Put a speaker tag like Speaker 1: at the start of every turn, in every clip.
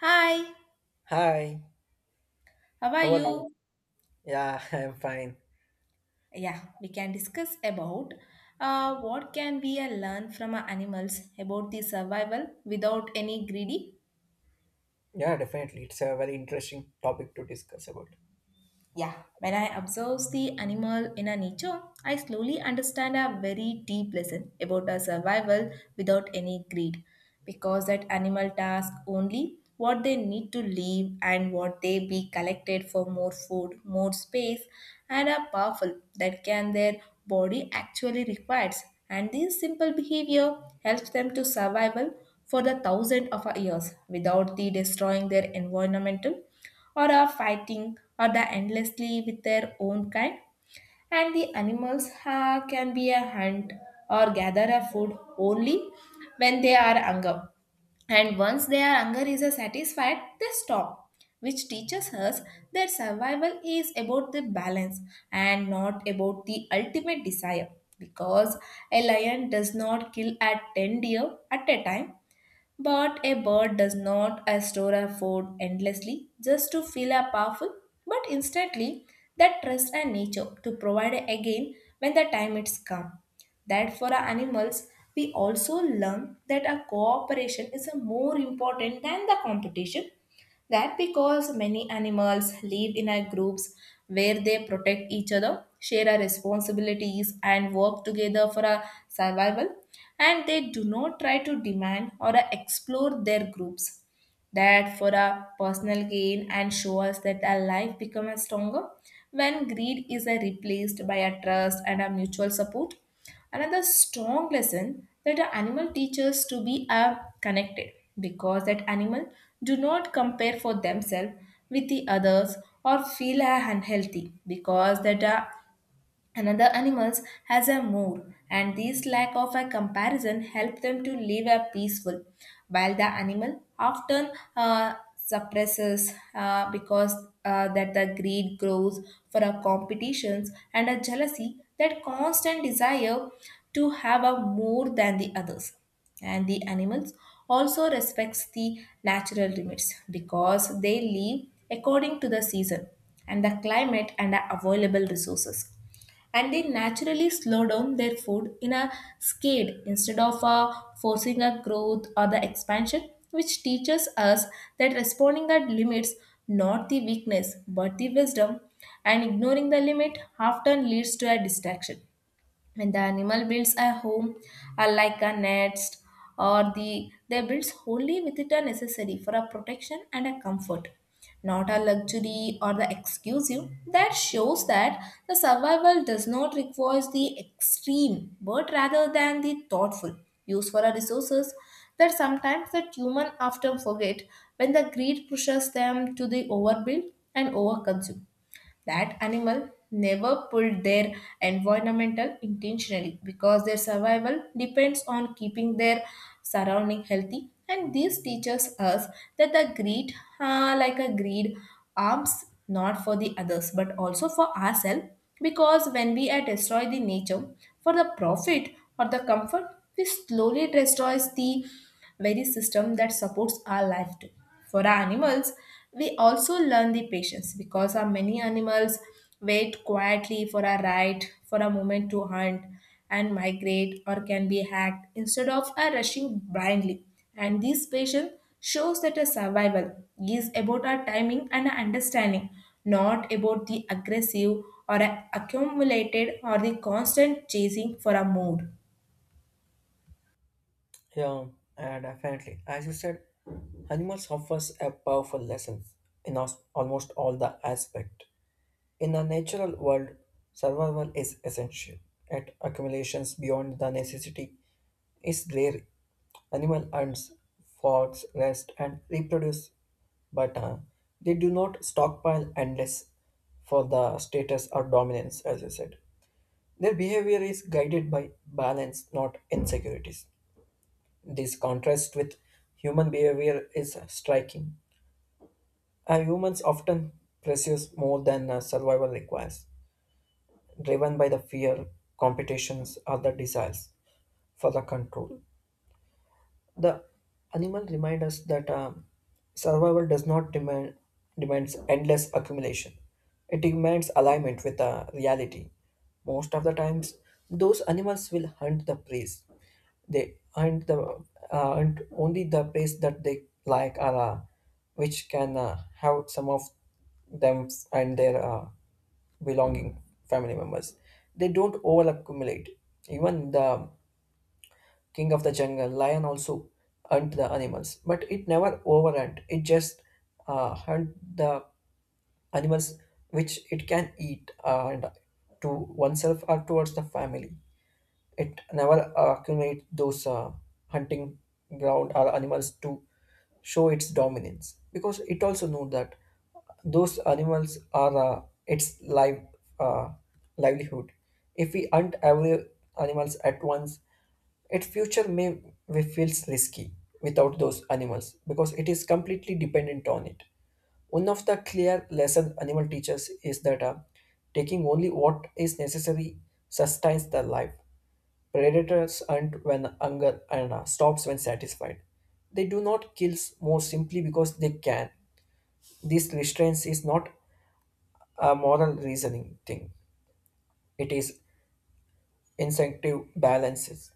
Speaker 1: Hi,
Speaker 2: Hi,
Speaker 1: how are
Speaker 2: how are you?
Speaker 1: you?
Speaker 2: Yeah, I'm fine.
Speaker 1: Yeah, we can discuss about what can we learn from our animals about the survival without any greedy.
Speaker 2: Yeah, definitely. It's a very interesting topic to discuss about.
Speaker 1: Yeah, when I observe the animal in a nature, I slowly understand a very deep lesson about a survival without any greed. Because that animal task only what they need to live and what they be collected for more food, more space, and are powerful that can their body actually requires. And this simple behavior helps them to survival for the thousand of years without the destroying their environmental or are fighting or the endlessly with their own kind. And the animals can be a hunt or gather a food only when they are hungry, and once their hunger is satisfied they stop, which teaches us that survival is about the balance and not about the ultimate desire, because a lion does not kill at 10 deer at a time, but a bird does not store her food endlessly just to feel her powerful, but instantly that trusts her nature to provide again when the time is come. That for our animals, we also learn that our cooperation is more important than the competition, that because many animals live in a groups where they protect each other, share our responsibilities, and work together for our survival, and they do not try to demand or explore their groups that for our personal gain, and show us that our life becomes stronger when greed is replaced by a trust and a mutual support. Another strong lesson that the animal teaches to be connected, because that animal do not compare for themselves with the others or feel unhealthy because that another animals has a mood, and this lack of a comparison help them to live a peaceful, while the animal often suppresses because that the greed grows for a competitions and a jealousy, that constant desire to have a more than the others. And the animals also respects the natural limits because they live according to the season and the climate and the available resources, and they naturally slow down their food in a skate instead of forcing a growth or the expansion, which teaches us that responding at limits not the weakness but the wisdom, and ignoring the limit often leads to a distraction. When the animal builds a home like a nest, or the they builds only with it a necessary for a protection and a comfort, not a luxury or the exclusive, that shows that the survival does not require the extreme but rather than the thoughtful use for our resources, that sometimes that human often forget when the greed pushes them to the overbuild and overconsume. That animal never pulled their environmental intentionally because their survival depends on keeping their surrounding healthy. And this teaches us that the greed, like a greed, arms not for the others but also for ourselves. Because when we destroy the nature for the profit or the comfort, we slowly destroys the very system that supports our life too. For animals, we also learn the patience because our many animals wait quietly for a ride, for a moment to hunt and migrate or can be hacked instead of a rushing blindly. And this patience shows that a survival is about our timing and our understanding, not about the aggressive or a accumulated or the constant chasing for a mood.
Speaker 2: Yeah, definitely. As you said, animals offers a powerful lesson in almost all the aspect. In the natural world, survival is essential. At accumulations beyond the necessity is rare. Animal earns, forks, rest, and reproduce, but they do not stockpile unless for the status or dominance, as I said. Their behavior is guided by balance, not insecurities. This contrast with human behavior is striking. Humans often pursue more than survival requires, driven by the fear, competitions, or the desires for the control. The animal reminds us that survival does not demand demands endless accumulation. It demands alignment with reality. Most of the times, those animals will hunt the preys. They hunt only the preys that they like or which can have some of them and their belonging family members. They don't over accumulate. Even the king of the jungle, lion also hunt the animals, but it never overhunt. It just hunt the animals which it can eat and to oneself or towards the family. It never accumulates those hunting ground or animals to show its dominance, because it also know that those animals are its uh, livelihood. If we hunt every animals at once, its future may feels risky without those animals, because it is completely dependent on it. One of the clear lesson animal teaches is that taking only what is necessary sustains the life. Predators hunt when hunger and stops when satisfied. They do not kill more simply because they can. This restraint is not a moral reasoning thing. It is instinctive balances.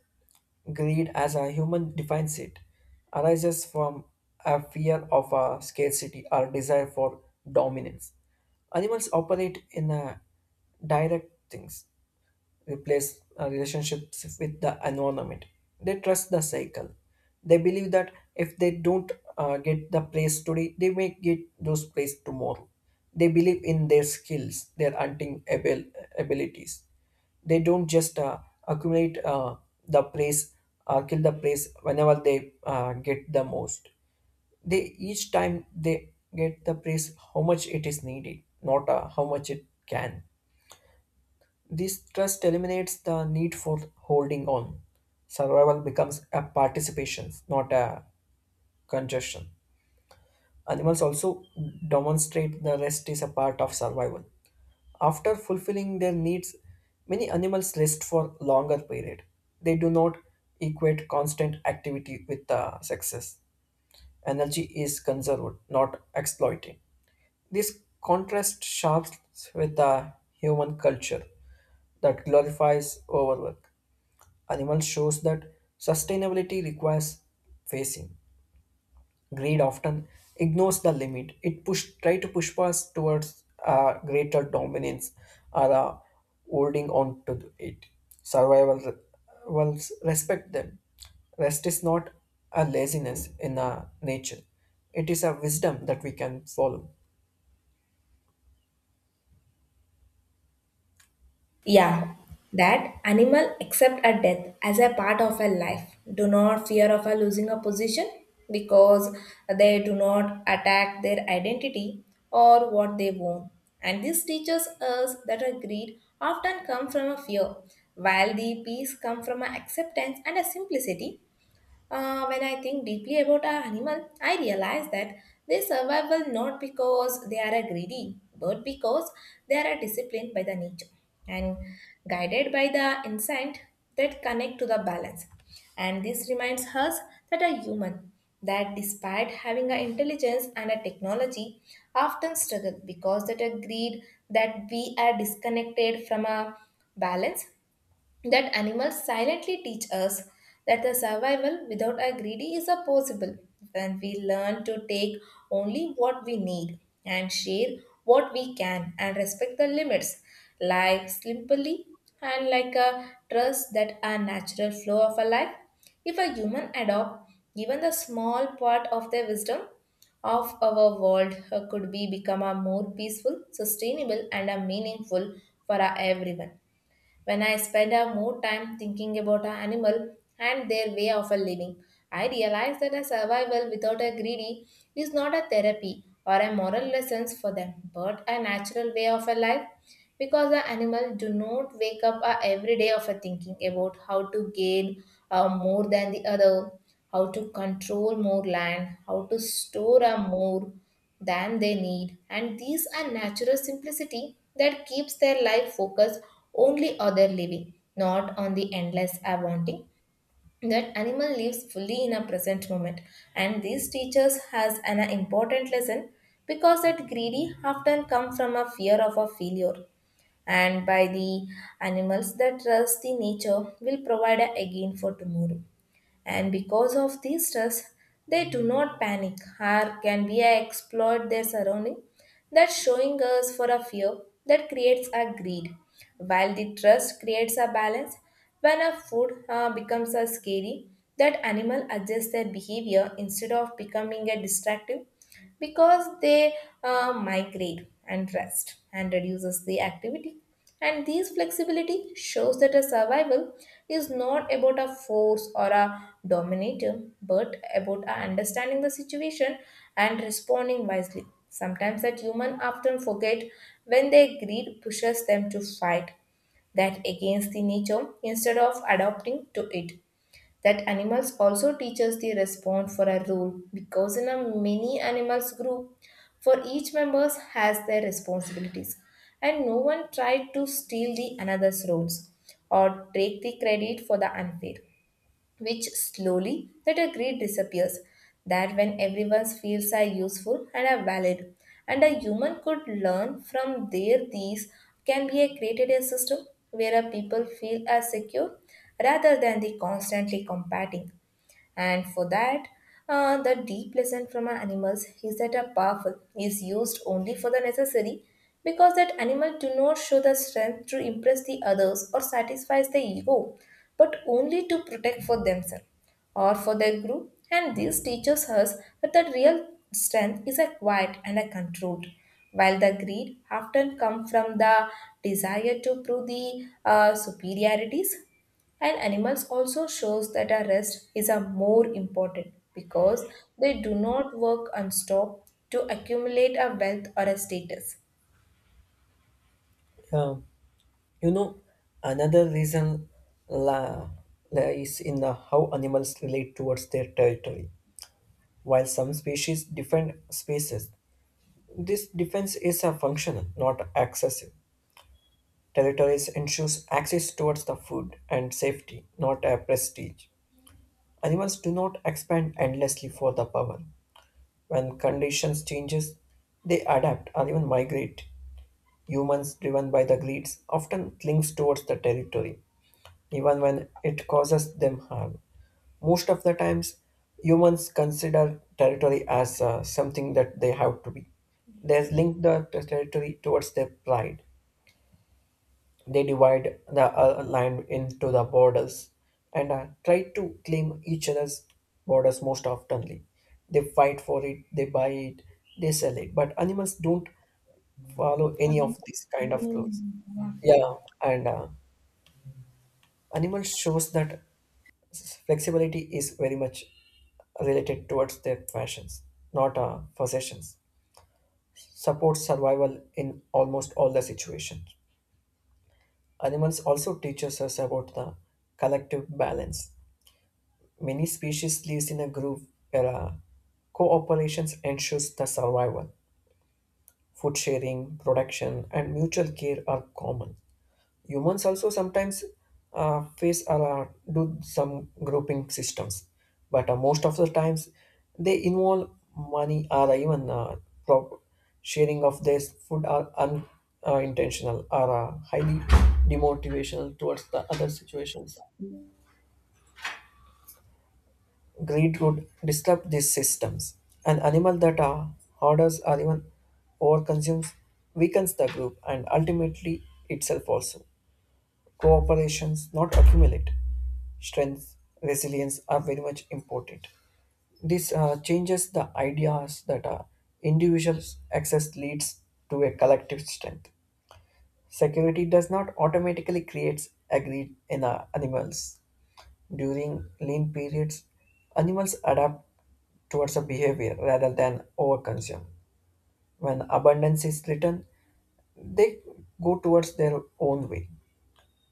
Speaker 2: Greed, as a human defines it, arises from a fear of a scarcity or desire for dominance. Animals operate in a direct things replace relationships with the environment. They trust the cycle. They believe that if they don't get the praise today, they may get those praise tomorrow. They believe in their skills, their abilities. They don't just accumulate the praise or kill the praise whenever they get the most. They each time they get the praise, how much it is needed, not how much it can. This trust eliminates the need for holding on. Survival becomes a participation, not a congestion. Animals also demonstrate the rest is a part of survival. After fulfilling their needs, many animals rest for longer period. They do not equate constant activity with success. Energy is conserved, not exploited. This contrast sharps with the human culture that glorifies overwork. Animal shows that sustainability requires facing. Greed often ignores the limit. It push try to push us towards greater dominance or holding on to it. Survival will respect them. Rest is not a laziness in nature. It is a wisdom that we can follow.
Speaker 1: Yeah, that animal accept a death as a part of a life. Do not fear of a losing a position because they do not attack their identity or what they want. And this teaches us that a greed often come from a fear, while the peace come from a acceptance and a simplicity. When I think deeply about our animal, I realize that they survival not because they are a greedy, but because they are a disciplined by the nature and guided by the instinct that connect to the balance. And this reminds us that a human, that despite having an intelligence and a technology, often struggle because that a greed that we are disconnected from a balance that animals silently teach us that the survival without a greedy is a possible when we learn to take only what we need and share what we can and respect the limits life simply and like a trust that a natural flow of a life if a human adopt even the small part of their wisdom of our world could be become a more peaceful sustainable and a meaningful for our everyone. When I spend a more time thinking about an animal and their way of a living, I realize that a survival without a greedy is not a therapy or a moral lessons for them, but a natural way of a life because the animal do not wake up every day of a thinking about how to gain more than the other, how to control more land, how to store more than they need, and these are natural simplicity that keeps their life focused only on their living, not on the endless wanting. That animal lives fully in a present moment, and these teachers has an important lesson because that greedy often come from a fear of a failure, and by the animals that trust the nature will provide a again for tomorrow, and because of this stress they do not panic or can be a exploit their surrounding, that showing us for a fear that creates a greed while the trust creates a balance. When a food becomes a scary that animal adjusts their behavior instead of becoming a destructive because they migrate and rest and reduces the activity, and this flexibility shows that a survival is not about a force or a dominator, but about a understanding the situation and responding wisely. Sometimes that human often forget when their greed pushes them to fight that against the nature instead of adapting to it. That animals also teaches the response for a rule because in a many animals group for each members has their responsibilities, and no one tried to steal the another's roles or take the credit for the unfair, which slowly that a greed disappears that when everyone's feels are useful and are valid, and a human could learn from there these can be a created a system where a people feel as secure rather than the constantly combating. And for that, the deep lesson from our animals is that a powerful is used only for the necessary, because that animal do not show the strength to impress the others or satisfies the ego, but only to protect for themselves or for their group. And this teaches us that the real strength is a quiet and a controlled, while the greed often come from the desire to prove the superiorities. And animals also shows that our rest is a more important because they do not work and stop to accumulate a wealth or a status.
Speaker 2: Yeah. You know, another reason la, lies in the how animals relate towards their territory. While some species defend spaces, this defense is a functional, not excessive. Territories ensures access towards the food and safety, not a prestige. Animals do not expand endlessly for the power. When conditions changes, they adapt or even migrate. Humans, driven by the greeds, often clings towards the territory even when it causes them harm. Most of the times, humans consider territory as something that they have to be. They link the territory towards their pride. They divide the land into the borders and try to claim each other's borders most oftenly. They fight for it, they buy it, they sell it. But animals don't follow any of these kind of rules.
Speaker 1: Mm.
Speaker 2: Yeah, and animal shows that flexibility is very much related towards their fashions, not possessions. Supports survival in almost all the situations. Animals also teaches us about the collective balance. Many species lives in a group where cooperation ensures the survival. Food sharing, production, and mutual care are common. Humans also sometimes face or do some grouping systems, but most of the times they involve money or even prop- sharing of their food are unintentional intentional or highly demotivational towards the other situations. Greed would disrupt these systems. An animal that hoarders or even overconsumes weakens the group and ultimately itself also. Cooperations, not accumulate. Strength, resilience are very much important. This changes the ideas that individual access leads to a collective strength. Security does not automatically create agreed in animals. During lean periods, animals adapt towards a behavior rather than overconsume. When abundance is threatened, they go towards their own way.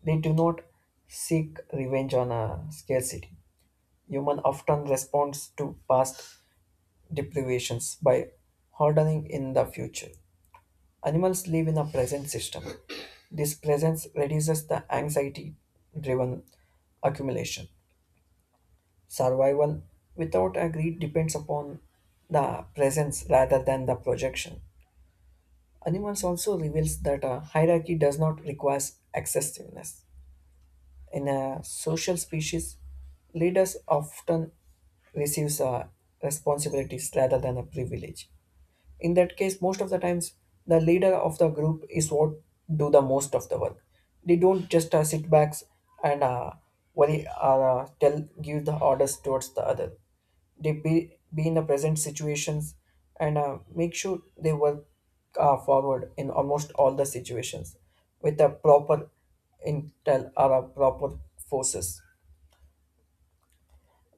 Speaker 2: They do not seek revenge on a scarcity. Human often responds to past deprivations by hardening in the future. Animals live in a present system. This presence reduces the anxiety driven accumulation. Survival without a greed depends upon the presence rather than the projection. Animals also reveals that a hierarchy does not require excessiveness. In a social species, leaders often receives responsibilities rather than a privilege. In that case, most of the times the leader of the group is what do the most of the work. They don't just sit back and worry or tell give the orders towards the other. They be in the present situations and make sure they work forward in almost all the situations with a proper intel or a proper forces.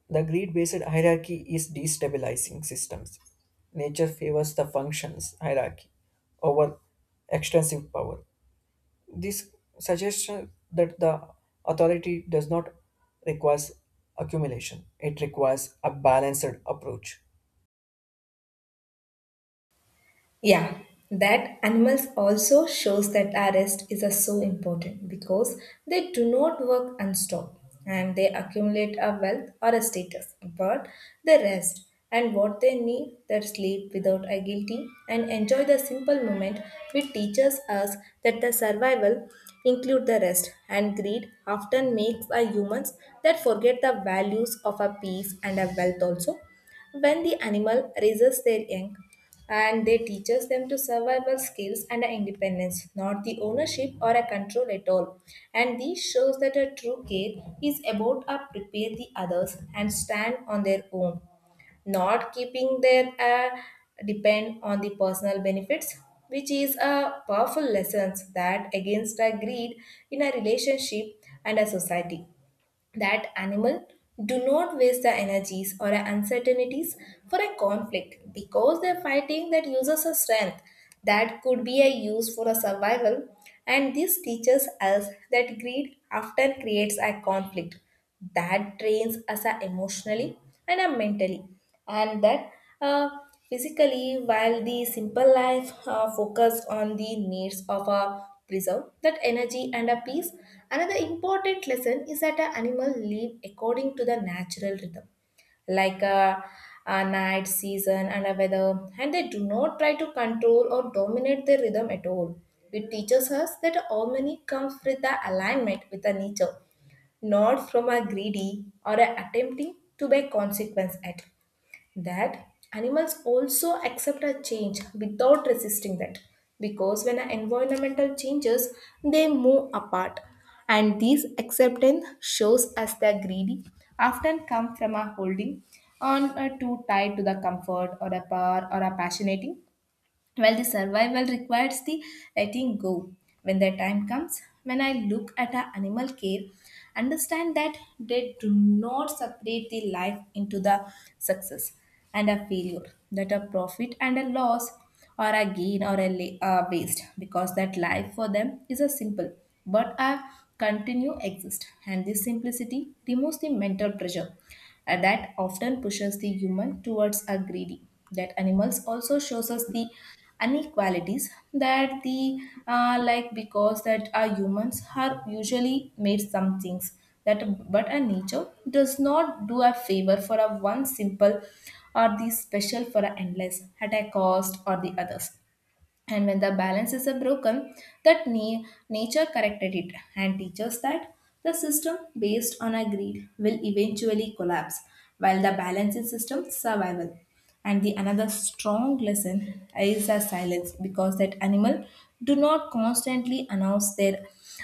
Speaker 2: The greed-based hierarchy is destabilizing systems. Nature favors the functions hierarchy over extensive power. This suggests that the authority does not require accumulation. It requires a balanced approach.
Speaker 1: Yeah, that animals also shows that our rest is a so important because they do not work and stop and they accumulate a wealth or a status, but they rest and what they need that sleep without a guilty and enjoy the simple moment, which teaches us that the survival include the rest, and greed often makes our humans that forget the values of a peace and a wealth also. When the animal raises their young, and they teaches them to survival skills and independence, not the ownership or a control at all. And this shows that a true care is about to prepare the others and stand on their own, not keeping their depend on the personal benefits, which is a powerful lesson that against a greed in a relationship and a society. That animal do not waste their energies or uncertainties for a conflict because they're fighting that uses a strength that could be a use for a survival, and this teaches us that greed often creates a conflict that drains us emotionally and mentally and that uh, physically, while the simple life focus on the needs of a preserve that energy and a peace. Another important lesson is that an animal live according to the natural rhythm, like a night season and a weather, and they do not try to control or dominate their rhythm at all. It teaches us that harmony comes with the alignment with the nature, not from a greedy or a attempting to be consequence at that animals also accept a change without resisting that because when an environmental changes they move apart, and this acceptance shows as they're greedy often come from a holding on too tied to the comfort or a power or a passionating well, the survival requires the letting go. When the time comes, when I look at a animal care, understand that they do not separate the life into the success and a failure, that a profit and a loss, or a gain or a waste, because that life for them is a simple but a continue exist, and this simplicity removes the mental pressure that often pushes the human towards a greedy that animals also shows us the inequalities that the because that our humans are usually made some things that but a nature does not do a favor for a one simple or the special for a endless at a cost or the others, and when the balance is broken that nature corrected it and teaches that the system based on a greed will eventually collapse while the balancing system survival. And the another strong lesson is the silence because that animal do not constantly announce their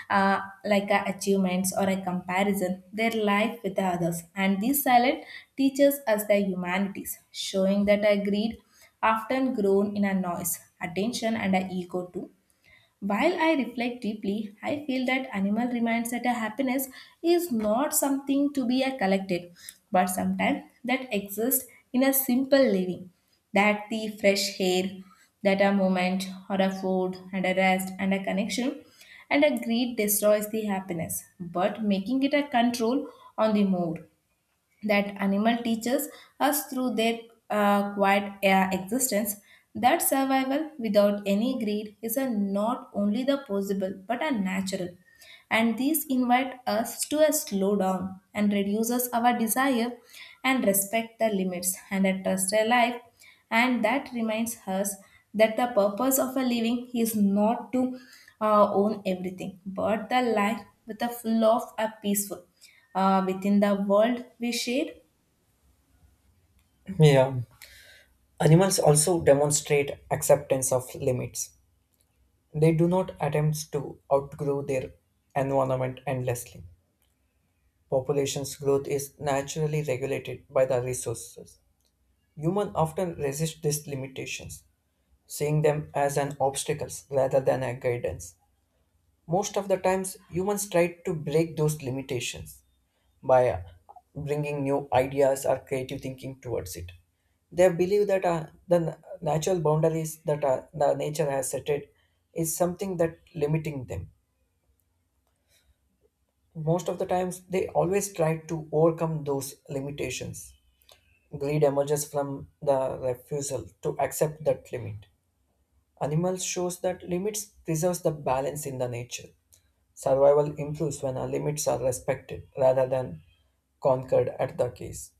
Speaker 1: uh, achievements or a comparison their life with the others, and this silence teaches us the humanities showing that a greed often grown in a noise, attention, and a ego too. While I reflect deeply, I feel that animal reminds that a happiness is not something to be a collected, but sometimes that exists in a simple living. That the fresh air, that a moment or a food and a rest and a connection and a greed destroys the happiness, but making it a control on the mood that animal teaches us through their quiet existence that survival without any greed is a not only the possible but a natural, and these invite us to a slow down and reduces our desire and respect the limits and a trust a life and that reminds us that the purpose of a living is not to own everything but the life with a full of a peaceful within the world we share.
Speaker 2: Yeah. Animals also demonstrate acceptance of limits. They do not attempt to outgrow their environment endlessly. Population's growth is naturally regulated by the resources. Humans often resist these limitations, seeing them as an obstacles rather than a guidance. Most of the times, humans try to break those limitations by bringing new ideas or creative thinking towards it. They believe that natural boundaries that the nature has set it is something that limiting them. Most of the times, they always try to overcome those limitations. Greed emerges from the refusal to accept that limit. Animals shows that limits preserves the balance in the nature. Survival improves when our limits are respected rather than conquered at the case.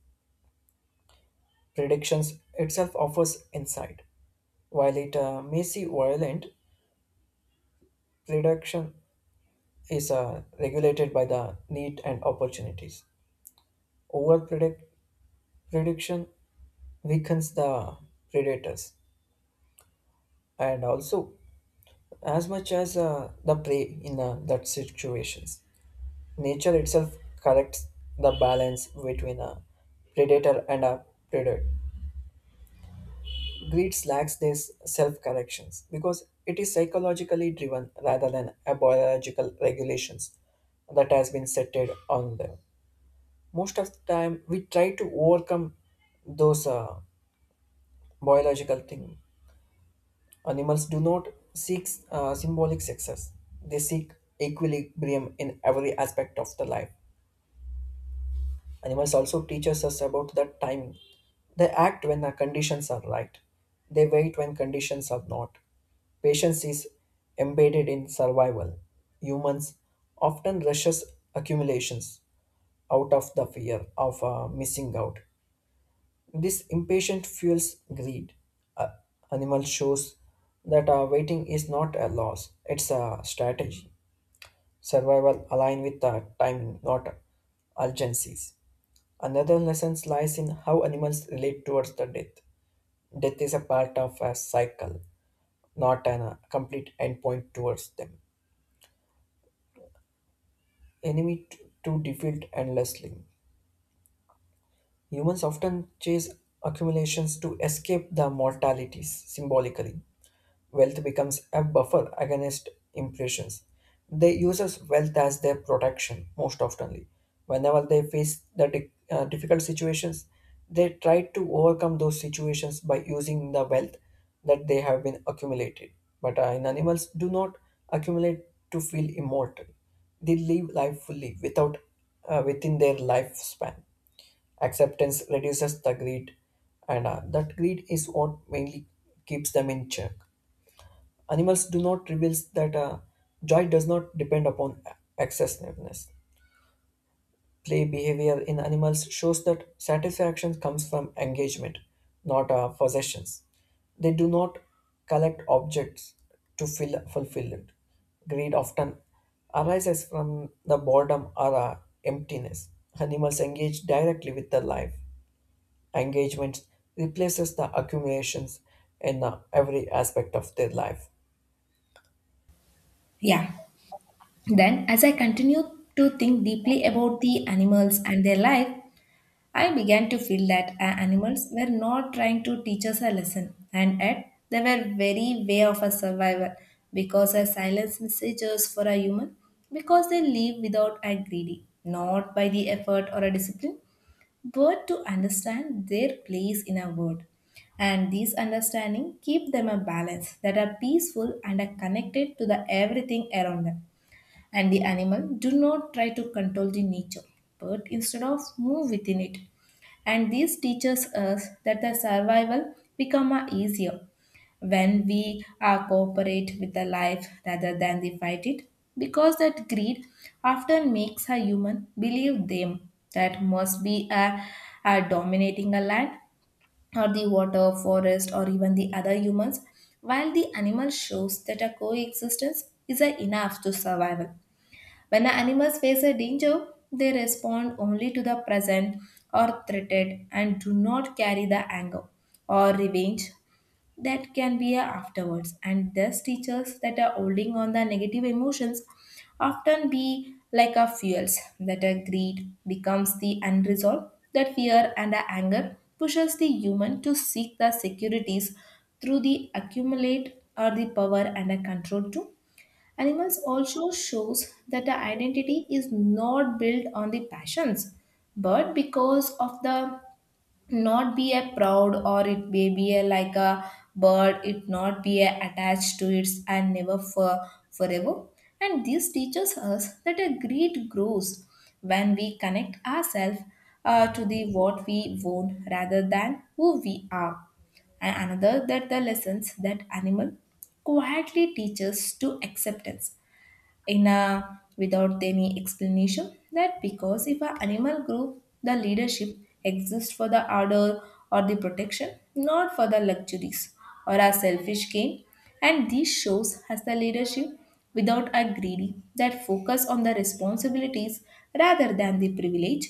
Speaker 2: Predictions itself offers insight. While it may seem violent, prediction is regulated by the need and opportunities. Over prediction weakens the predators and also as much as the prey in that situations. Nature itself corrects the balance between a predator and a predator. Greed lacks these self corrections because it is psychologically driven rather than a biological regulations that has been set on them. Most of the time, we try to overcome those biological things. Animals do not seek symbolic success, they seek equilibrium in every aspect of the life. Animals also teaches us about the timing. They act when the conditions are right. They wait when conditions are not. Patience is embedded in survival. Humans often rushes accumulations out of the fear of missing out. This impatient fuels greed. Uh, animal shows that waiting is not a loss; it's a strategy. Survival align with timing, not urgencies. Another lesson lies in how animals relate towards the death. Death is a part of a cycle, not a complete endpoint towards them. Enemy to defeat endlessly. Humans often chase accumulations to escape the mortalities symbolically. Wealth becomes a buffer against impressions. They use as wealth as their protection most oftenly. Whenever they face the difficult situations, they try to overcome those situations by using the wealth that they have been accumulated. But in animals, do not accumulate to feel immortal. They live life fully without within their lifespan. Acceptance reduces the greed, and that greed is what mainly keeps them in check. Animals do not reveal that joy does not depend upon excessiveness. Play behavior in animals shows that satisfaction comes from engagement, not possessions. They do not collect objects to fulfill it. Greed often arises from the boredom or emptiness. Animals engage directly with the life. Engagement replaces the accumulations in every aspect of their life.
Speaker 1: Yeah. Then as I continue to think deeply about the animals and their life, I began to feel that our animals were not trying to teach us a lesson, and yet they were very way of a survival because our silence messages for a human, because they live without a greedy, not by the effort or a discipline, but to understand their place in a world. And these understanding keep them a balance that are peaceful and are connected to the everything around them, and the animal do not try to control the nature but instead of move within it, and this teaches us that the survival become a easier when we are cooperate with the life rather than the fight it because that greed often makes a human believe them that must be a dominating a land or the water forest or even the other humans, while the animal shows that a coexistence is a enough to survival. When the animals face a danger, they respond only to the present or threatened and do not carry the anger or revenge that can be a afterwards. And thus, teachers that are holding on the negative emotions often be like a fuels that a greed becomes the unresolved that fear and a anger pushes the human to seek the securities through the accumulate or the power and a control too. Animals also shows that the identity is not built on the passions, but because of the not be a proud, or it may be a like a bird, it not be a attached to its and never for forever. And this teaches us that a greed grows when we connect ourselves to the what we own rather than who we are. And another that the lessons that animal quietly teaches to acceptance in a without any explanation that because if an animal group the leadership exists for the order or the protection, not for the luxuries or a selfish gain, and this shows as the leadership without a greedy that focus on the responsibilities rather than the privilege.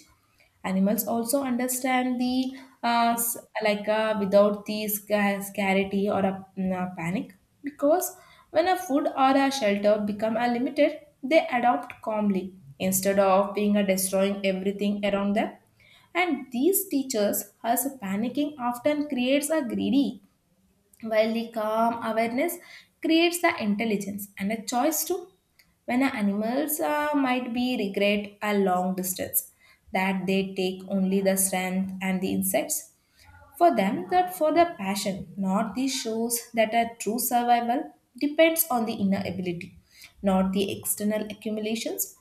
Speaker 1: Animals also understand the uh, s- without the scarcity or a a panic because when a food or a shelter become a limited, they adopt calmly instead of being a destroying everything around them. And these teachers, as panicking often creates a greedy while the calm awareness creates the intelligence and a choice too. When a animals might be regret a long distance that they take only the strength and the insects. For them, that for the passion, not the shows that a true survival depends on the inner ability, not the external accumulations,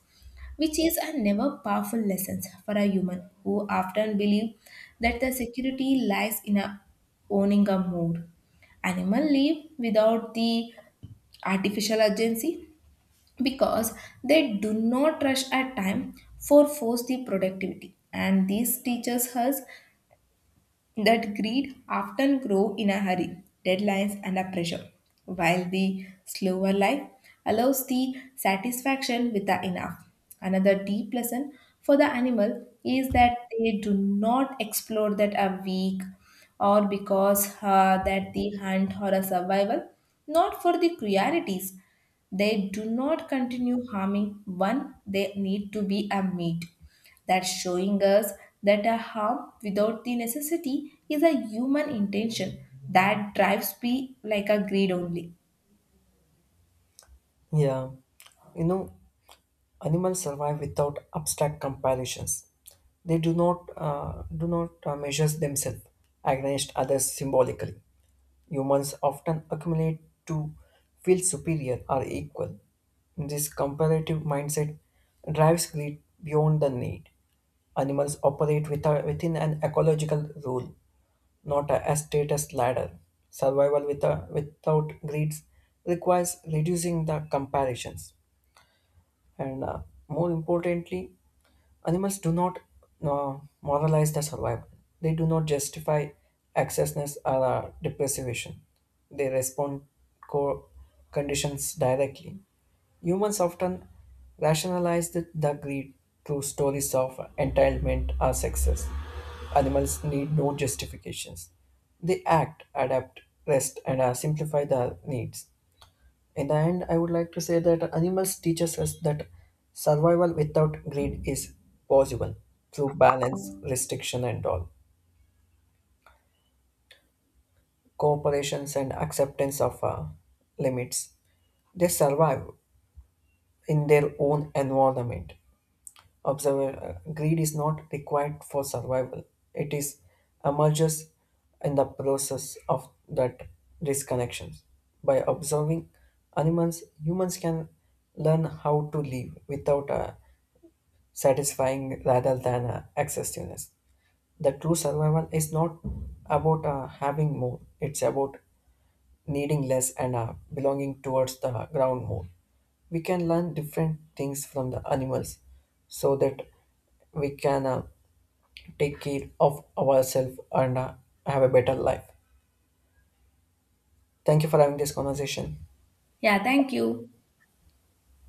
Speaker 1: which is a never powerful lesson for a human who often believe that the security lies in a owning a mood. Animal live without the artificial urgency because they do not rush at time for force the productivity, and this teaches us that greed often grow in a hurry, deadlines and a pressure, while the slower life allows the satisfaction with the enough. Another deep lesson for the animal is that they do not explore that a weak or because that the hunt or a survival, not for the cruelties. They do not continue harming one, they need to be a meat. That's showing us that a harm without the necessity is a human intention that drives me like a greed only.
Speaker 2: Yeah, you know, animals survive without abstract comparisons. They do not measure themselves against others symbolically. Humans often accumulate to feel superior or equal. This comparative mindset drives greed beyond the need. Animals operate without, within an ecological rule, not a status ladder. Survival without greed requires reducing the comparisons. And more importantly, animals do not moralize their survival. They do not justify excessiveness or deprivation. They respond co- conditions directly. Humans often rationalize the greed through stories of entitlement or success. Animals need no justifications. They act, adapt, rest, and simplify their needs. In the end, I would like to say that animals teach us that survival without greed is possible through balance, restriction, and all cooperations and acceptance of limits. They survive in their own environment. Observe, greed is not required for survival. It is emerges in the process of that disconnections. By observing animals, humans can learn how to live without satisfying rather than excessiveness. The true survival is not about having more, it's about needing less and belonging towards the ground more. We can learn different things from the animals so that we can take care of ourselves and have a better life. Thank you for having this conversation.
Speaker 1: Yeah, thank you.